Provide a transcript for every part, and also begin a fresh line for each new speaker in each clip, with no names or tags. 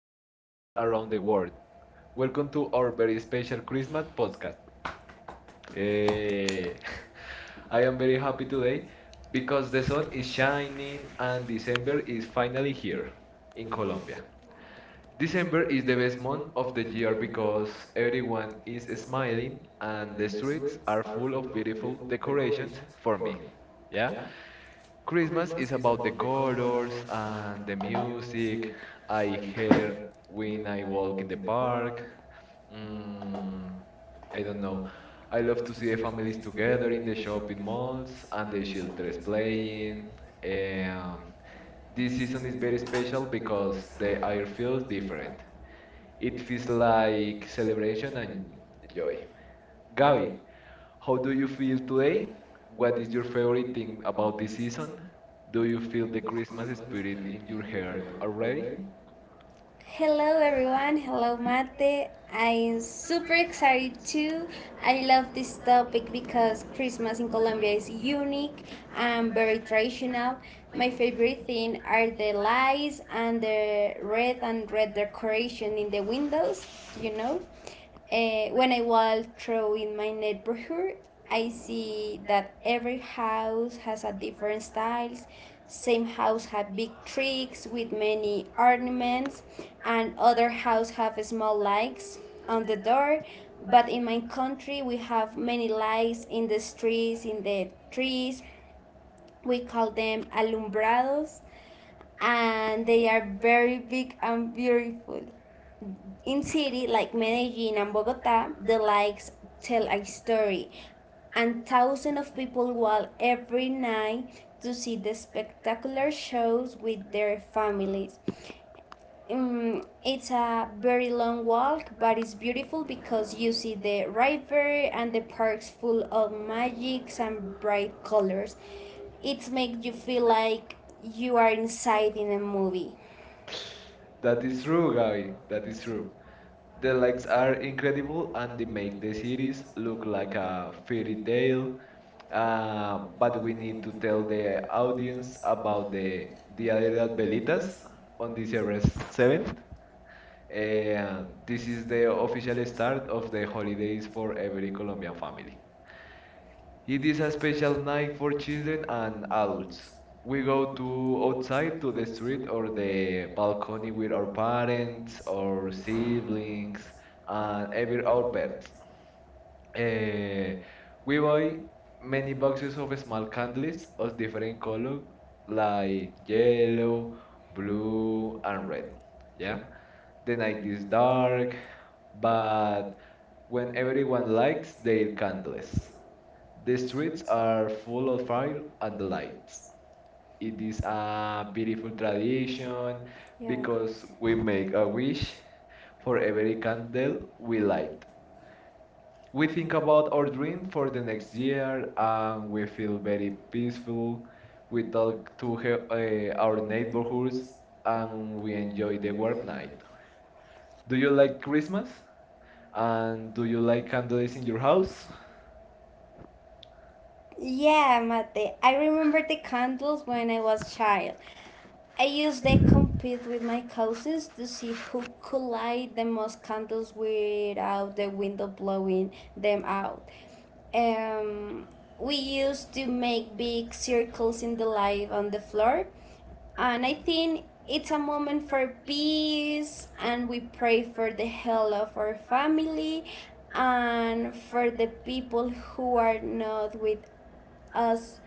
our
our
listeners
listeners
around the
around the
world,
world.
welcome to our
Our
very
very
special
special
Christmas podcast.
podcast
Eh,
eh,
I am very happy today
today,
because the sun is
shining
shining and
and
December is finally here
here
in
in
Colombia.
Colombia.
December is the
The
best
best
month
month
of the
of the
year
year
because
because
everyone
everyone
is
is
smiling
smiling
and the
and the
streets
streets
are
are
full
full
of
of
beautiful
beautiful
decorations
decorations
for
for
me.
me.
Yeah?
Yeah,
Christmas is about the colors
colors
and the
and the
music
music
I
I
hear
hear
when
when
I
I
walk in
walk
the
in the
park.
park.
Mm,
Mm,
I
I
don't
don't
know.
know.
I
I
love to
love to
see the
see the
families
families
together
together
in the
in the
shopping
shopping
malls
malls
and
and
the
the
children
children
playing.
playing. And
Um, this
this
season is
season is
very
very
special
special
because
because
the
they're
air feels different.
different.
It
It
feels
feels
like
like
celebration
celebration
and
and
joy.
joy.
Gaby,
Gabi,
how
how
do you
do you
feel
feel
today?
today?
What
Do
is your favorite
you think
thing about
of
this season?
season?
Do
Do
you
you
feel
feel
the
like
Christmas
Christmas
spirit
spirit
in
in
your
your head
heart already?
already? Hello everyone, hello Mate. I'm super excited too. I love this topic because Christmas in Colombia is unique and very traditional. My favorite thing are the lights and the red and red decoration in the windows, you know. When I walk through in my neighborhood, I see that every house has a different styles. Some house have big trees with many ornaments, and other house have small lights on the door. But in my country, we have many lights in the streets, in the trees. We call them alumbrados, and they are very big and beautiful. In cities like Medellin and Bogota, the lights tell a story, and thousands of people walk every night to see the spectacular shows with their families. It's a very long walk, but it's beautiful because you see the river and the parks full of magics and bright colors. It makes you feel like you are inside in a movie.
That
That
is
is
true,
true.
Gabi.
Gaby,
That
that
is
is
true.
true.
The
The
lights
lights
are
are
incredible
incredible
and
and
they
they
make
make
the
the
series
series
look
look
like
like a
a fairy
fairy
tale.
tale.
But
But
we
we
need
need
to
to
tell
tell
the
the
audience
audience
about
about
the
the
Dia
Dia
de
de
las
las
Velitas
Velitas
on
on
December
December
7th.
7. Uh,
This
this
is
is
the
the
official
official
start
start
of
of
the
the
holidays
holidays
for
for
every
every
Colombian
Colombian family.
family. It
It
is
is
a
a
special
special
night
night
for
for
children
children
and
and
adults.
adults.
We
We
go
go
to
to
outside
outside
to
to
the
the
street
street
or
or
the
the
balcony
balcony
with
with
our
our
parents,
parents or
or
siblings
siblings, and
and
even
every
our
outfit.
pets.
Uh,
Eh, we
we buy
buy many
many
boxes
boxes of
of small
small
candles
candies
of
of
different
different
colors
colors
like
like
yellow,
yellow,
blue,
blue
and
and
red.
red.
Yeah,
Yeah.
the
The night
night is
is dark,
dark,
but
but
when
when everyone
everyone
lights
lights
their
they
candles. The
the
streets are full
full
of fire
of
and
and the
lights.
lights. It
It is
is
a beautiful
beautiful
tradition
tradition. Yeah,
because
because
we
we wish
make a wish for
for
every
a
candle
candle
we light. We think about our dream
bring
for
for
the next
next year
year and
and
we
we feel
feel very
peaceful
peaceful. We talk
to
to
help
our
our neighbors
neighborhoods and
and
we
we
enjoy
enjoy
the warm
it.
night. Do
Do
you
you like
like
it?
Christmas? And
And
do
do
you
you
like candles
place
in
in
your
your house?
house?
Yeah, Mate. I remember the candles when I was child. I used to compete with my cousins to see who could light the most candles without the window blowing them out. Um, we used to make big circles in the light on the floor, and I think it's a moment for peace, and we pray for the health of our family and for the people who are not with us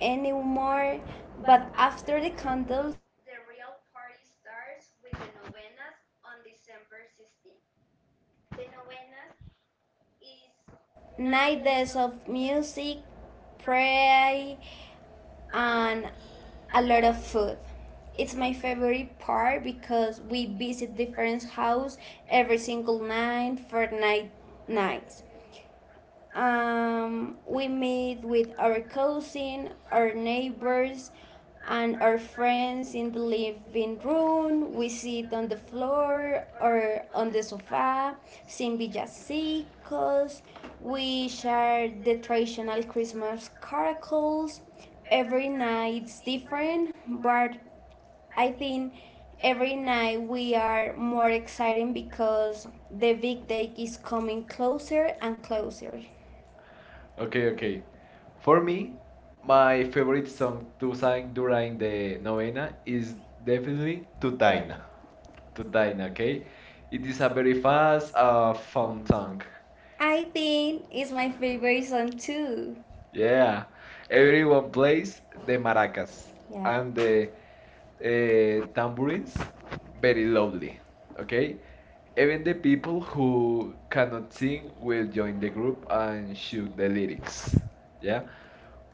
anymore. But after the candles, the real party starts with the novenas on December 16th. The novenas is 9 days of music, pray, and a lot of food. It's my favorite part because we visit different house every single night for night nights. We meet with our cousin, our neighbors, and our friends in the living room. We sit on the floor or on the sofa, sing villancicos. We share the traditional Christmas carols. Every night's different, but I think every night we are more excited because the big day is coming closer and closer.
Okay,
Okay,
okay.
okay.
For
For me,
me, my favorite song to
to
sing
sing
during
during
the
the Noel
novena
is
is
David
definitely Tutaina.
to
Tutaina,
die.
okay? It
It
is
is
a
a
very
very fun
fast, fun song.
song. I think it's my favorite song too. Yeah,
Yeah. Everyone
it's
plays the
the best.
maracas
Yeah,
and
and
the
the uh,
tambourines
Prince
very
Benny.
loudly, okay?
Okay,
Even the people who cannot sing
sing
will
will
join
join
the
the group
group and
and
shoot
shoot the
the
lead.
lyrics. Yeah?
Yeah,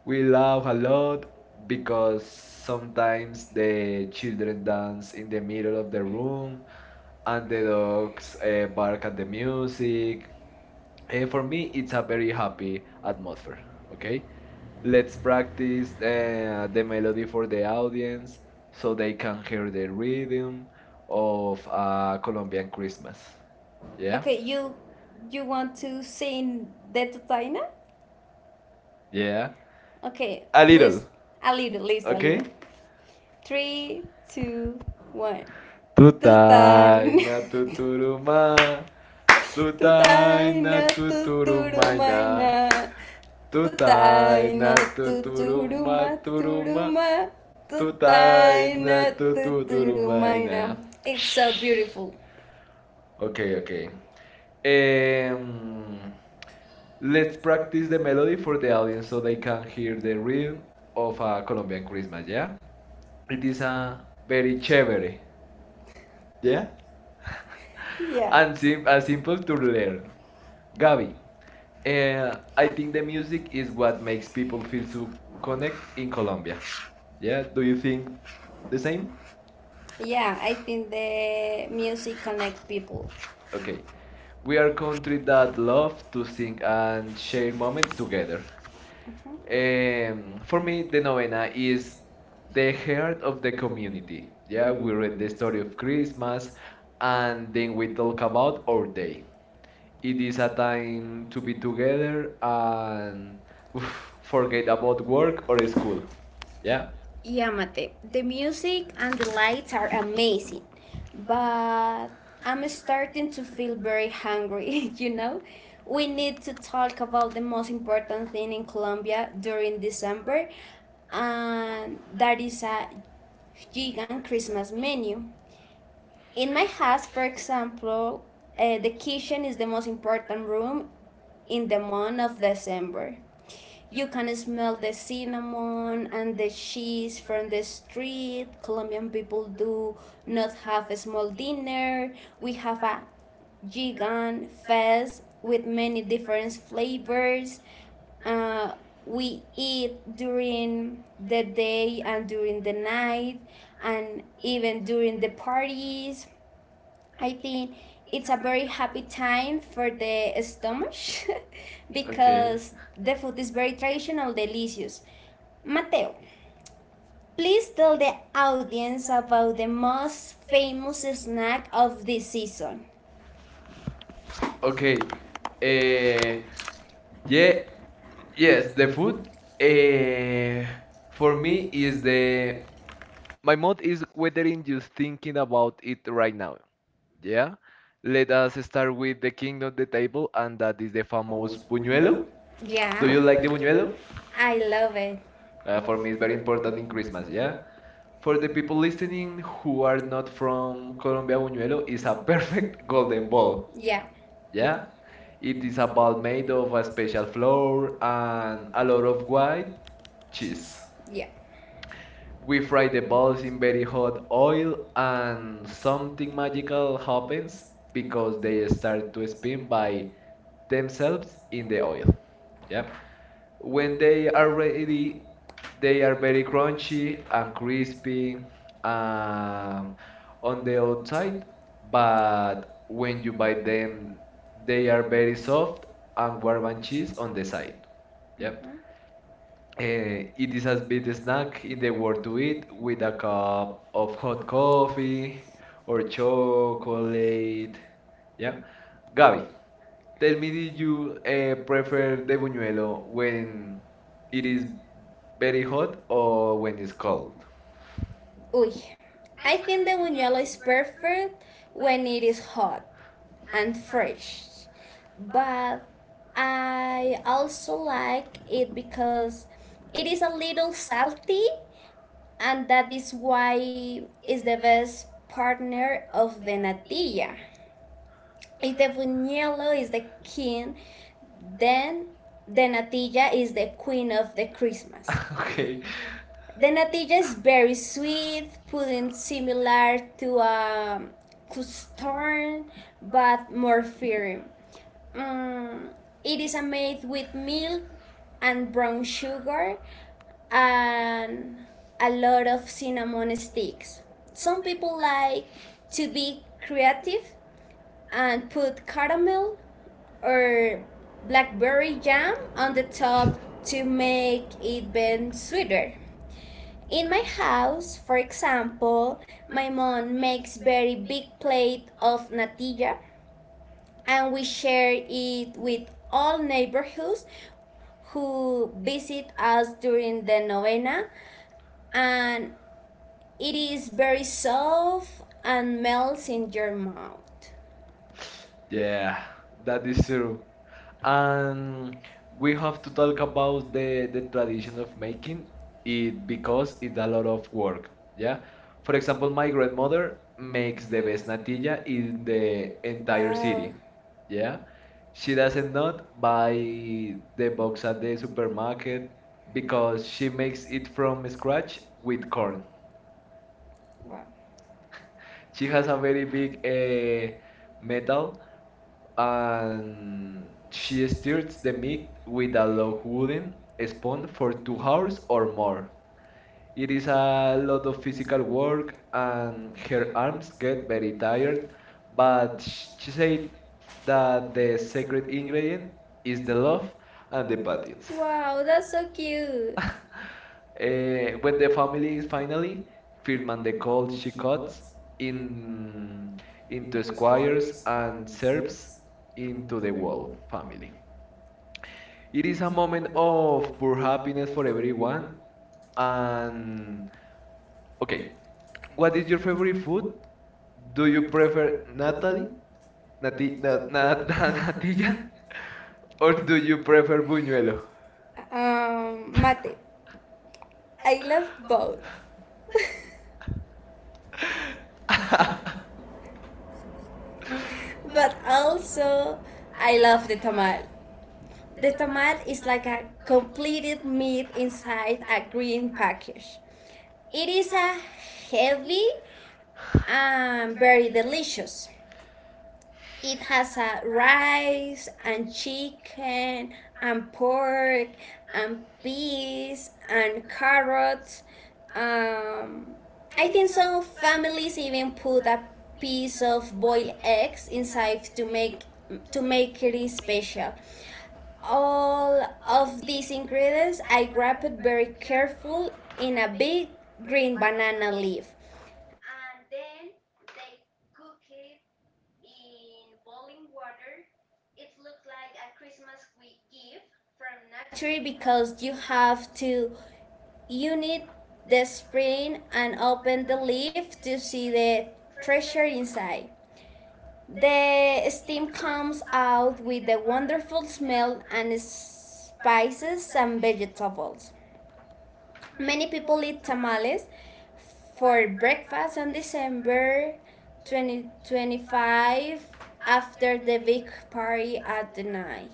We laugh a lot because
because
sometimes
sometimes the
the children
children
dance
dance
in
in
the
the
middle
middle
of
of
the
the
room
room
and
and
the
they
dogs
dogs
bark
look
at
at
the
the music.
music. Eh,
And
for me, it's a very happy
happy atmosphere.
atmosphere.
Okay,
Okay, let's
let's practice
practice the melody for the
dance
audience
so
so
they
they can hear
learn
the
the rhythm
rhythm
of
of
a
Colombian
Colombian Christmas.
Christmas.
Yeah.
Yeah,
Okay, you want to sing the Totaina?
yeah,
Okay,
a
A
little.
a little, list a okay, little.
Okay.
Three, two, one.
Tutaina
Tutaina,
tuturuma, Tutaj na
Tutaina,
tuturumay na.
tuturumaina, tuturumaina,
Tutaj
Tutaina
na tuturuma
tuturuma
turuma.
turuma
Tutaj
tutaina
na tuturumay na.
tuturumaina. It's so beautiful.
Okay, okay. Um,
Um, look
let's practice the melody for the audience so they can hear
here the
the rhythm of a Colombian
Ben
Christmas,
Christmas.
yeah? It is a very
Very cheap.
chévere, yeah?
Yeah. Yeah.
And simple to
There.
learn. Gaby,
And
I
I
think
think
the
the
music is what makes
Mexican
people
people
feel
feel
so
to
connect
connect
in
in
Colombia.
Colombia.
Yeah, do
Do
you
you think
think the
the same?
same?
Yeah, I think the music connect people. Okay.
Okay. We
We
are
are going
country
to
that love to sing and
launch
share moments
moments to
together.
uh-huh.
Um,
And
for me, the novena
Fana
is
is
the
the
heart of
of
the
the community.
community. Yeah,
Yeah,
we
we
read
read
the
the
story
story
of
of
Christmas
Christmas
and
and they
then we talk about our day. It
did
is
this
a time
align
to be together
together
and
and
forget
forget
about
about
work
work
or
or school.
school. Yeah?
Yeah. Yeah, Mate. The music and the lights are amazing, but I'm starting to feel very hungry, you know? We need to talk about the most important thing in Colombia during December, and that is a vegan Christmas menu. In my house, for example, the kitchen is the most important room in the month of December. You can smell the cinnamon and the cheese from the street. Colombian people do not have a small dinner. We have a gigant fest with many different flavors. Uh, we eat during the day and during the night and even during the parties. I think it's a very happy time for the stomach
Okay.
because the food is very traditional, delicious. Mateo, please tell the audience about the most famous snack of this season. Okay.
Okay.
Uh,
Uh, yeah.
yeah. Yes.
Yes. The food.
Uh,
Uh, for
for
me is the my
my
mood is whether in just thinking
mom
about it
eat
right
right now.
now.
Mm-hmm. Yeah.
Yeah. Let
Let
us
us
start
start
with
with
the
the
king
king
of
of
the
the
table,
table,
and
and
that
that
is
is
the
the
famous
famous
buñuelo.
buñuelo. Yeah,
Do you like the buñuelo?
I love it.
Uh,
Uh,
for me, it's very important
Jordan
in
Increase
Christmas. Yeah. For the people listening who are not from
from
Colombia, buñuelo is a perfect golden
Golden
ball.
Ball. Yeah.
Yeah.
Yeah?
It is a ball made of a special flour and
And
a
added
lot of white cheese.
cheese. Yeah.
We
With
fry the balls in very hot oil, and
and some
something magical happens
things
because
because
they
they
start to spin by
spy they
themselves in the oil. Yeah.
yeah,
When
when
they
they
are ready,
actually
they
they
are very crunchy
she
and crispy
be
uh,
uh
on the outside, but when you bite them,
then
they
they
are very soft and warm and cheese on
on
the
the
side.
side.
Yeah.
Yeah. Mhm.
Uh,
Eh,
it
they
is as big a snack in the world
were to
to eat with a cup of hot coffee or
so collate
chocolate. Yeah.
yeah.
Gaby,
Gary.
tell
They
me, did
meaning
you
you
prefer
prefer
the
the
buñuelo
buñuelo
when
when
it
it
is
is
very
better
hot or
or
when
when
it's
it's
cold?
cold. Uy, I think the buñuelo is perfect when it is hot and fresh, but I also like it because it is a little salty, and that is why it's the best partner of the natilla. If is the king, then the natilla is the queen of the Christmas.
Okay.
The natilla is very sweet, pudding similar to a custard, but more firm. Mm, it is made with milk and brown sugar and a lot of cinnamon sticks. Some people like to be creative and put caramel or blackberry jam on the top to make it even sweeter. In my house, for example, my mom makes very big plate of natilla and we share it with all neighborhoods who visit us during the novena and it is very soft and melts in your mouth. Yeah,
Yeah, that
that.
is true. And
Mm,
we
we
have
have
to
to
talk
talk
about
about the,
the
the
tradition
tradition
of
of
making
making
it
it
because
because
it's
it's
a
a
lot
lot
of
of work.
work. Yeah.
Yeah.
For
For
example,
example,
my
my
grandmother makes
makes
the
the
best
resnatilla
natilla
in
in
the
the entire
entire wow,
city.
city. Yeah.
Yeah. She
She,
doesn't not buy the box at the supermarket
because
because she makes it from scratch with corn.
wow,
She
she
has a very big
uh, met
metal
and
and she stirs the meat with a low wooden spoon for 2 hours
hours
or
or more.
more. It
It
is
is
a
a
lot
lot
of
of
physical
physical work
work,
and
and her
her
arms
is
get very tired,
tired, but
but she said
that.
that the secret ingredient is the love and the patience.
Wow, that's so cute.
Uh,
Uh,
when the family is finally, Firman the Cold
all
she
she
cuts
cuts in
in into squires
inspires
and
and
serfs
steps
into
into
the
the
Wolf
wall
family.
family.
It is a moment of pure happiness for everyone.
One
And
and
okay, what is your favorite food? Do
do
you prefer Natalie,
Nathan, Nati, Nat, Nat,
Natilla,
Natilla,
or
or
do
do
you
you
prefer
prefer
buñuelo?
Buñuelo? Mate. I love both, but also I love the tamal. The tomat is like a completed meat inside a green package. It is a heavy and very delicious. It has a rice and chicken and pork and peas and carrots. Um, I think some families even put a piece of boiled eggs inside to make it special. All of these ingredients I wrap it very careful in a big green banana leaf and then they cook it in boiling water. It looks like a Christmas gift from nature because you have to unit the spring and open the leaf to see the treasure inside. The steam comes out with a wonderful smell and spices and vegetables. Many people eat tamales for breakfast on December 2025 after the big party at the night.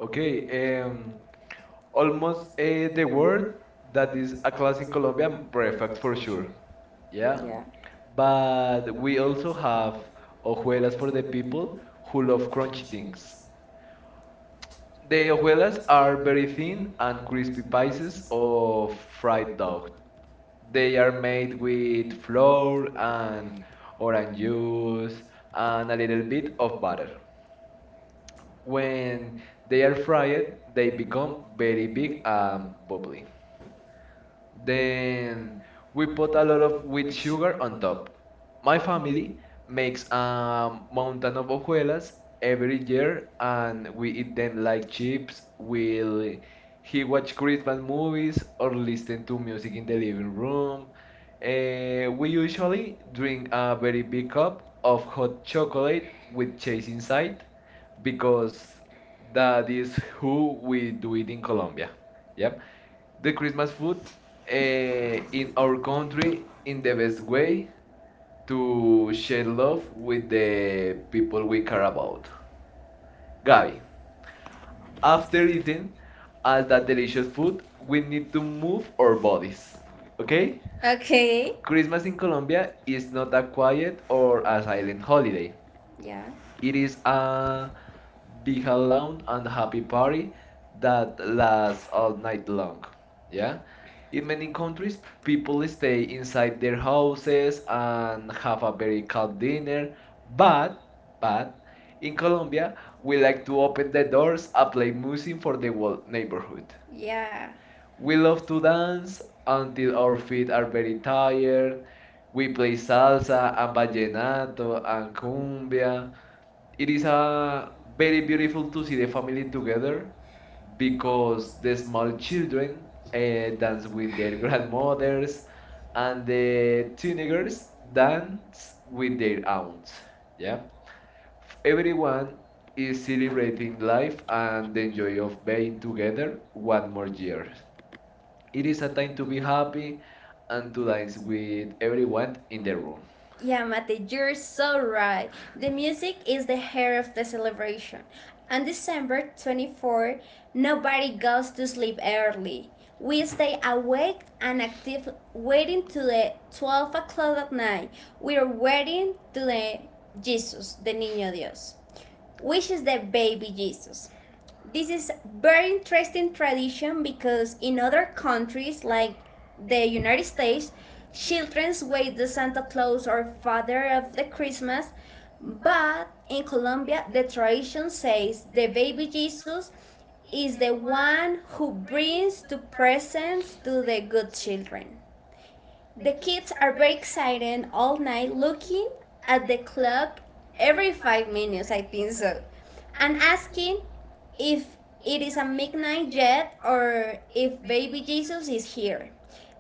Okay,
Okay, um,
almost the word that
that
is
is
a class in Colombian breakfast for sure.
sure.
Yeah,
Yeah. Yeah.
but we also have hojuelas for the people who
Who
love
love
crunchy
crunchy
things.
things.
The
They
hojuelas are
are
very
very
thin
thin and
and crispy
crispy,
pieces of fried dough. They are made
made with
with flour and
an
orange
orange
juice and a
a
little
little
bit
bit
of
of
butter.
butter.
When
When
they
they
are
are
fried,
fried,
they
they
become
become
very
very
big
big
and
and
bubbly.
bubbly.
Then
Then
we
we
put
put
a
a
lot
lot
of
of
wheat
wheat
sugar
sugar
on
on
top.
top.
My
My
family
family
makes a mountain of hojuelas every year and
and
we
we
eat them like chips. We'll
really
he watch Christmas movies or listen to
do
music
music
in
in the
the living
living room.
room. Eh,
And
we usually
actually
drink
drink
a very big cup of hot chocolate with
with
cheese
cheese
inside
inside because
because that
that
is who
we
we do
do
it in Colombia.
it.
Yeah the
The
Christmas food in our
country
country in
in
the
the
best
best
way
way
to
to
share
share
love
love
with
with
the people
people
we
we
care
care
about. Gabi,
God. After
after
it,
eating all that delicious food, we
we
need
need
to
to
move
move.
our bodies. Okay?
Okay,
Christmas in Colombia is not a quiet or a silent
silent
holiday.
holiday. Yeah.
It is
It's
a big, loud, and
down
happy party
and
that
down.
lasts all night long. Yeah? In
In
many
many
countries,
countries,
people
people
stay
stay
inside
inside
their houses
houses
and
and
have
have
a
a
very
very
calm
calm
dinner,
dinner, but
but but in
in Colombia,
Colombia, we like to open the doors and play
we're
music
losing
for
for
the whole neighborhood.
neighborhood. Yeah.
We
We
love to dance
lost
until our
until
feet are very tired. We play salsa and
Vallenar.
vallenato and cumbia. It
It
is
is a
very
very
beautiful to see the family
together
together
because
because the small children
and
dance with
with
their
their
grandmothers and
and
the teenagers dance
dance
with
with
their
their out.
aunts. Yeah, F-
Everyone
everyone is
is
celebrating
celebrating life
life and
and
the
the
joy
joy
of
of
being
being together
together one
one
more
more
year.
year.
It is a time to be happy
Happy
and
and to
to dance
lines
with
with
everyone
everyone
in
in
the
the
room.
room. Yeah, Mate, you're so right. The music is the hair of the celebration. On December 24, nobody goes to sleep early. We stay awake and active, waiting to the 12 o'clock at night. We are waiting to the Jesus, the Niño Dios, which is the baby Jesus. This is very interesting tradition because in other countries like the United States, children wait the Santa Claus or father of the Christmas, but in Colombia the tradition says the baby Jesus is the one who brings the presents to the good children. The kids are very excited all night looking at the clock every 5 minutes, I think so, and asking if it is a midnight yet or if baby Jesus is here.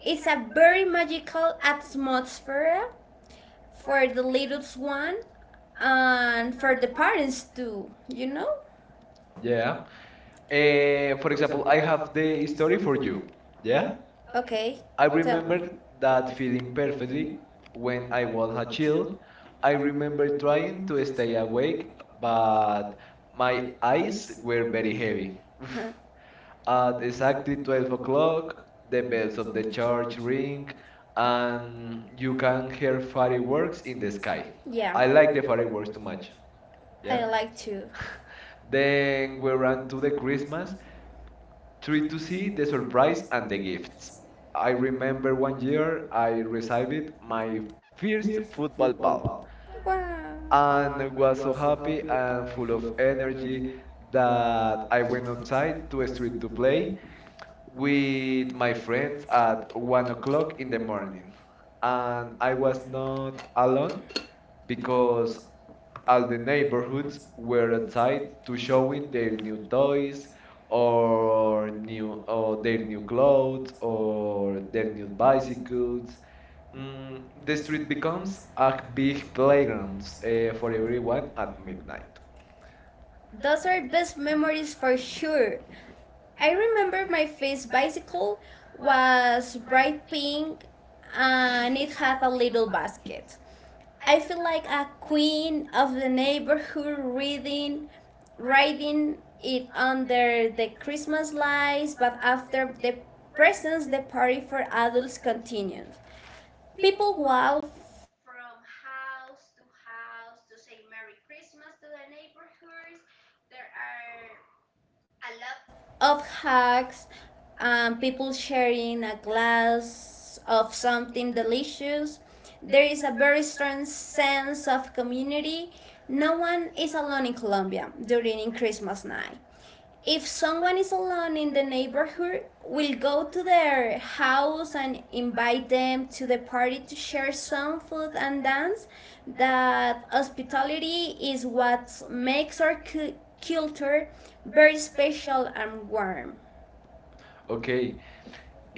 It's a very magical atmosphere for the little one and for the parents too, you know?
Yeah. Eh,
Uh,
for example, I have the
the
story
story
for
for
you.
you.
Yeah.
Okay.
I
I Tell
remember
remember
that feeling
feeling
perfectly
perfectly
when I was a child.
chill
I remember
remember
trying
trying
to
to
stay
stay
awake,
awake,
but
but
my
my
eyes
eyes
were
were
very
very
heavy.
heavy.
Oof. At
At
exactly
exactly
12
12 o'clock,
o'clock, the
the
bells
bells
of
of
the
the
church
church
ring,
ring,
and
and
you
you
can
can
hear
hear
fireworks
fireworks.
in the sky.
Yeah,
I
I
like
like
the fireworks
fireworks
too
too much.
much.
I
Yeah.
yeah. like to.
Then we ran
Around
to
to
the
the
Christmas
Christmas,
Treat to
you
see
see
the
the
surprise and
and
the
the
gifts.
gifts.
I
I
remember
remember
one
one
year
year I
I received
received my
my first
first
football
football.
ball
Wow. I'm
and was so happy and full
full of
of energy
energy that
that I
I
went
not
outside to a street
satisfied
to
to
play
play
with
with
my
my
friends
friends
at 1 o'clock in
in
the
the morning.
morning. And
And
I
I
was not
was
alone
alone
because
because
all
all
the
the
neighborhoods
neighborhoods
were
were
tied
outside
to
to
showing
showing their
their new
new
toys
toys
or
or
new
new
or
or
their
their
new
new
clothes
clothes
or
or
their
their
new
new
bicycles.
bicycles. Mm,
Mm, the
the
street
street
becomes
becomes
a
a
big
big
playground
playground
for
for
everyone
everyone
at
at midnight.
midnight.
Those are best memories for sure. I remember my first bicycle was bright pink and it had a little basket. I feel like a queen of the neighborhood riding it under the Christmas lights, but after the presents, the party for adults continues. People walk from house to house to say Merry Christmas to their neighborhoods. There are a lot of hugs, people sharing a glass of something delicious. There is a very strong sense of community. No one is alone in Colombia during Christmas night if someone is alone in the neighborhood, we'll go to their house and invite them to the party to share some food and dance. That hospitality is what makes culture very special and warm.
Okay,
Okay.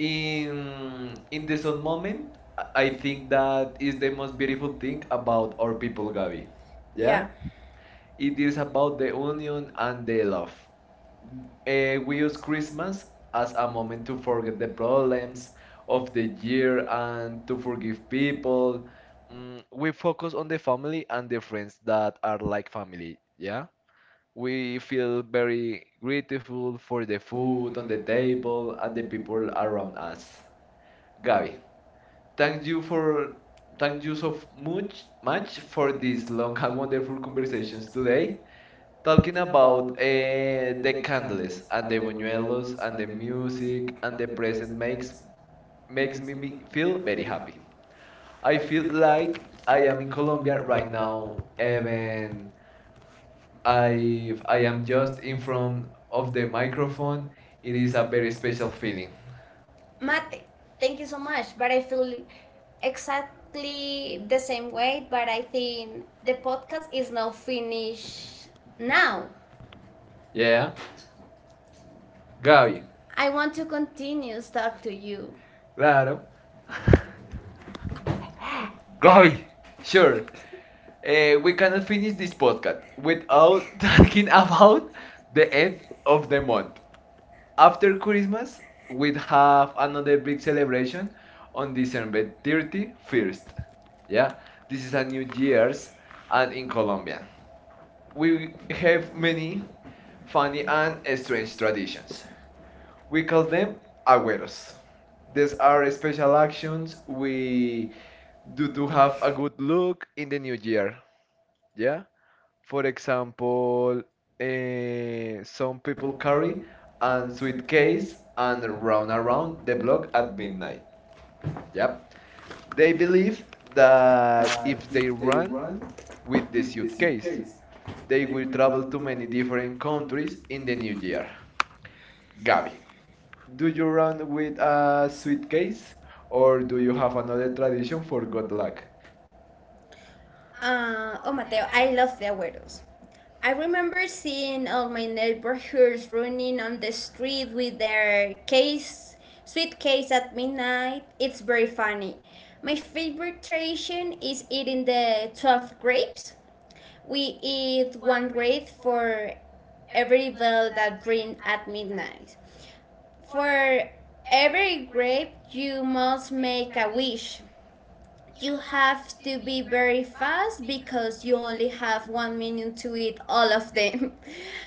In
in
in
this
this
own moment,
moment,
I think that is the most
I
beautiful
do
thing
think
about our people,
people got
Gabi.
it.
Yeah,
Yeah. yeah.
it
It
is
is a
about the union
reunion
and
and
the
the love.
love. We
We
use
use
Christmas
Christmas
as
as
a
a
moment
moment
to
to
forget
forget
the
the
problems
past
of
of the
the year
year
and
and
to
to forgive
forgive
people.
people. Mm,
Mm,
we
we
focus on the family and the
forgive friends
friends that are like
like
family,
family,
yeah?
yeah? We
We feel very grateful
grateful
for
for
the
the food,
food on the table
table,
and the people
people,
around us.
us.
Gabi, thank you for
For
thank
thank
you
you
so
so much
much for
for
these
these
long
long
and wonderful
beautiful
conversations
conversations today.
today.
Talk
Talking about the candles
endless
and
and
the
the
buñuelos
buñuelos
and
and
the
the
music
music
and
and
the
the
present
present
makes
makes make me
me
feel
feel very happy. I
I
feel like
I
I am in Colombia right
right now
now, even
even I
if I
I
am
am
just
just
in
in from
front of the
our
microphone,
phone.
it
It
is
is
a
a
very
very special
special
feeling.
feeling.
Mate, thank you so much. But I feel exactly the same way. But I think the podcast is now finished now.
Yeah,
Yeah. Go.
Gaby,
I want to continue talk to you. Claro.
claro.
Go.
Gaby. Sure,
Sure. Eh,
we cannot
I'll
finish
finish
this
this
podcast without talking about the end of the month. After
Christmas
Christmas, we'd
with
have another
another
big
vacation
celebration on
on
December
December
31st.
31st.
Yeah,
Yeah,
this
this
is
is
a
a
New
new year.
Year's and
And
in Colombia.
we will
We
be
have many
having
funny
funny
and strange traditions.
actions.
We
We
call
call
them
them outs.
agüeros. These
These
are special actions
actions
we
we
do
do
to have a good look in the
the
new
new
year.
year. Yeah?
Yeah. For
For
example,
example,
some
some
people carry a suitcase and run around
underground,
the
the
block
Black
at
Midnight.
midnight.
Yeah?
Yep. They
They
believe
that
that if
they
they
run
run with
with
the
this,
suitcase, they
they
will
will
travel
travel
to
to
many
many
different
different
countries
countries
in
in the
the new
new year.
year. Gabi,
Gabi,
do
do you
you run
run
with
with
a
a suitcase
suitcase
or
or do
do
you
you
have
have
another tradition for good
forgotten?
luck?
Oh, Mateo, I love the Agüeros. I remember seeing all my neighbors running on the street with their case, suitcase at midnight. It's very funny. My favorite tradition is eating the 12 grapes. We eat one grape for every bell that rings at midnight. For every grape, you must make a wish. You have to be very fast because you only have 1 minute to eat all of them.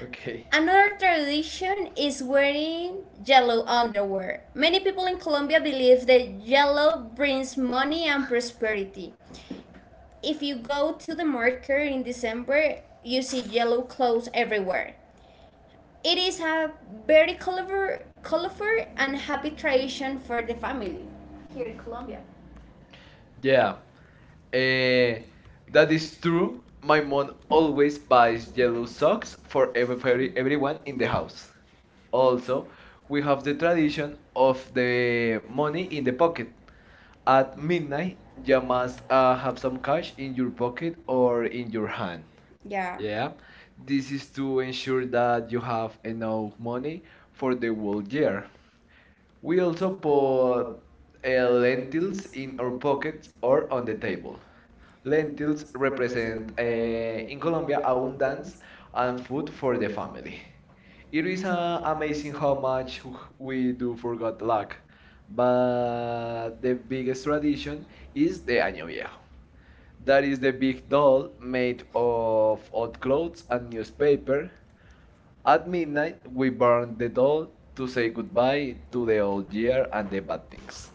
Okay.
Okay. Another tradition is wearing yellow underwear. Many people in Colombia believe that yellow brings money and prosperity. If you go to the market in December, you see yellow clothes everywhere. It is a very colorful and happy tradition for the family.
Yeah.
Yeah. Eh,
Eh, that
that is
is true.
true.
My
My
mom
mom
always
always buys
buys yellow
yellow
socks
socks
for
for
everybody,
everyone
everyone
in
in
the
the house.
house. Also,
Also, we
we
have
have
the
the tradition
tradition of
of
the money
money
in
in the
the
pocket.
pocket. At
At midnight,
midnight,
you
you
have
must have some
some cash
cash in
in
your
your pocket
pocket
or
or in
in your
your
hand.
hand.
Yeah.
Yeah,
Yeah,
this
this
is
is to
to ensure
ensure that
that
you
you
have
have
enough
enough
money
money for
for
the
the
whole
whole
year.
year.
We
We also
also put
put
lentils
lentils
in
in
our
our
pockets
pockets or
or on
on
the
the table.
table. Lentils
Lentils represent
represent in
in
Colombia
Colombia abundance
abundance
and
and
food
food
for
for the
the
family.
family. It
It is
is
amazing
amazing
how
how
much
much
we
we
do
do for God
forget
luck,
lack,
but
but the
the
biggest
biggest
tradition
vision is
is the Año Viejo. That
that
is the big doll
it made
made
of
of old clothes and
a newspaper.
newspaper. At
At midnight,
midnight,
we
we
burn
burn the doll to
to
say
say
goodbye
to
to the
the old
old year
year
and the bad things.
things.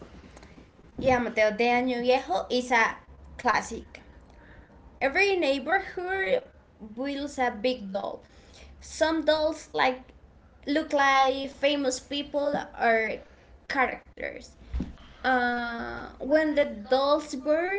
Yeah, Mateo, de Año Viejo is a classic. Every neighborhood builds a big doll. Some dolls like look like famous people or characters. When the doll's birth,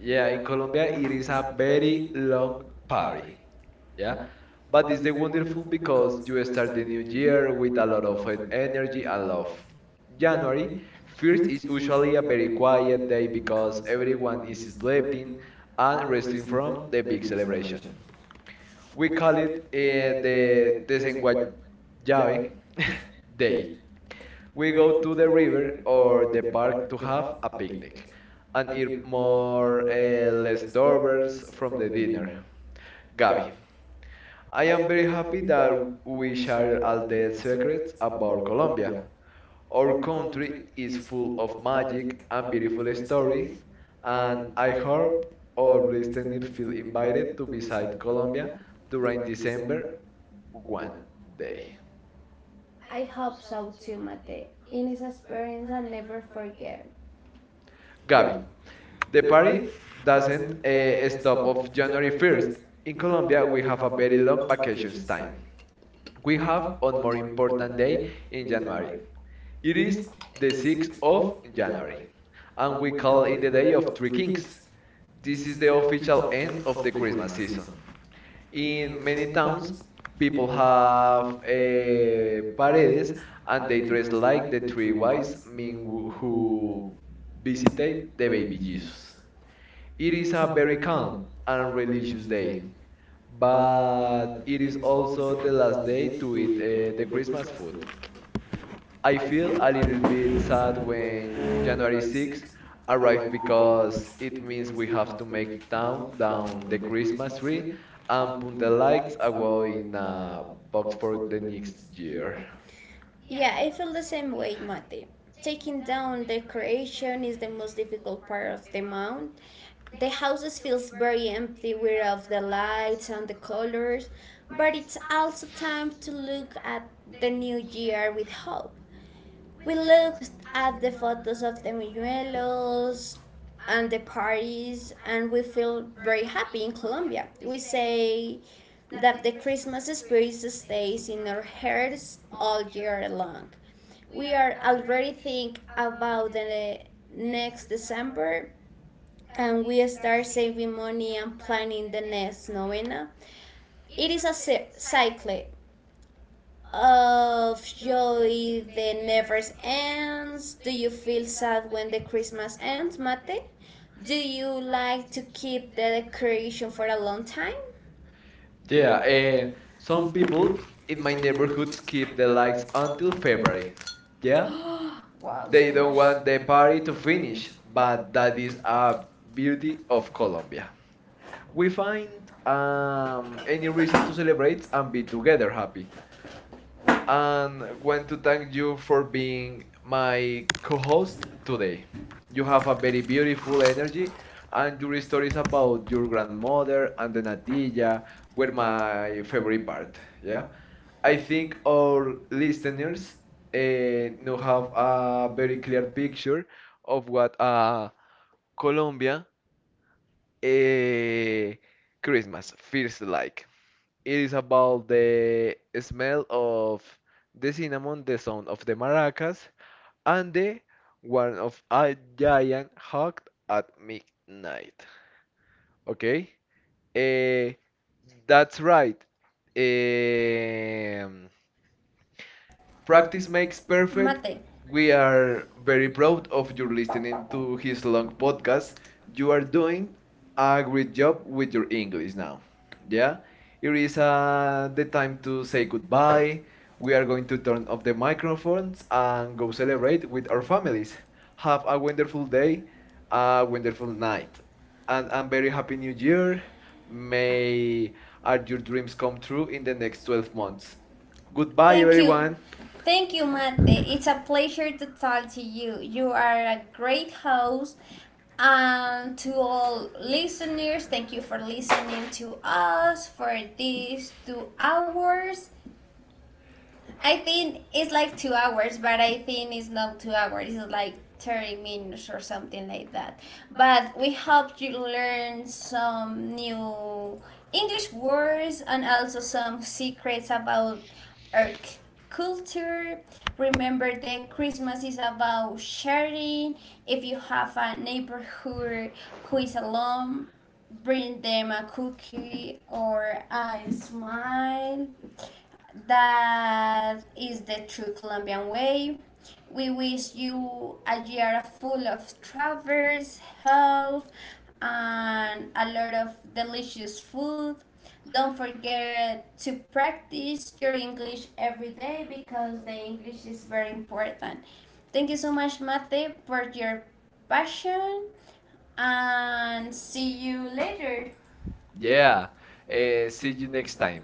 Yeah, in Colombia, it is a very long party. Yeah? But it's the wonderful because you start the new year with a lot of energy and love. January 1st is usually a very quiet day because everyone is sleeping and resting from the big celebration. We call it the desenguayabe day. We go to the river or the park to have a picnic and eat more leftovers from the dinner. Gabi, I am very happy that we share all the secrets about Colombia. Our country is full of magic and beautiful story, and I hope all listeners feel invited to visit Colombia during December one day. Gabi, the party doesn't stop of January 1st. In Colombia, we have a very long vacations time. We have one more important day in January. It is the 6th of January, and we call it the Day of Three Kings. This is the official end of the Christmas season. In many towns, people have paredes and they dress like the three wise men who visited the baby Jesus. It is a very calm and religious day, but it is also the last day to eat the Christmas food. I feel a little bit sad when January 6 arrived because it means we have to make down the Christmas tree and put the lights away in a box for the next year. Yeah, some people in my neighborhood keep the lights until February. Yeah, they don't want the party to finish, but that is a beauty of Colombia. We find any reason to celebrate and be together happy, and want to thank you for being my co-host today. You have a very beautiful energy, and your stories about your grandmother and the natilla were my favorite part. Yeah, I think our listeners now have a very clear picture of what Colombia uh, Christmas feels like. It is about the smell of the cinnamon, the sound of the maracas, and the one of a giant hawk at midnight. Okay? Eh, that's right. Eh, Practice makes perfect. We are very proud of your listening to his long podcast. You are doing a great job with your English now. Yeah, it is the time to say goodbye. We are going to turn off the microphones and go celebrate with our families. Have a wonderful day, a wonderful night, and a very happy new year. May all your dreams come true in the next 12 months. Goodbye, everyone. Yeah. See you next time.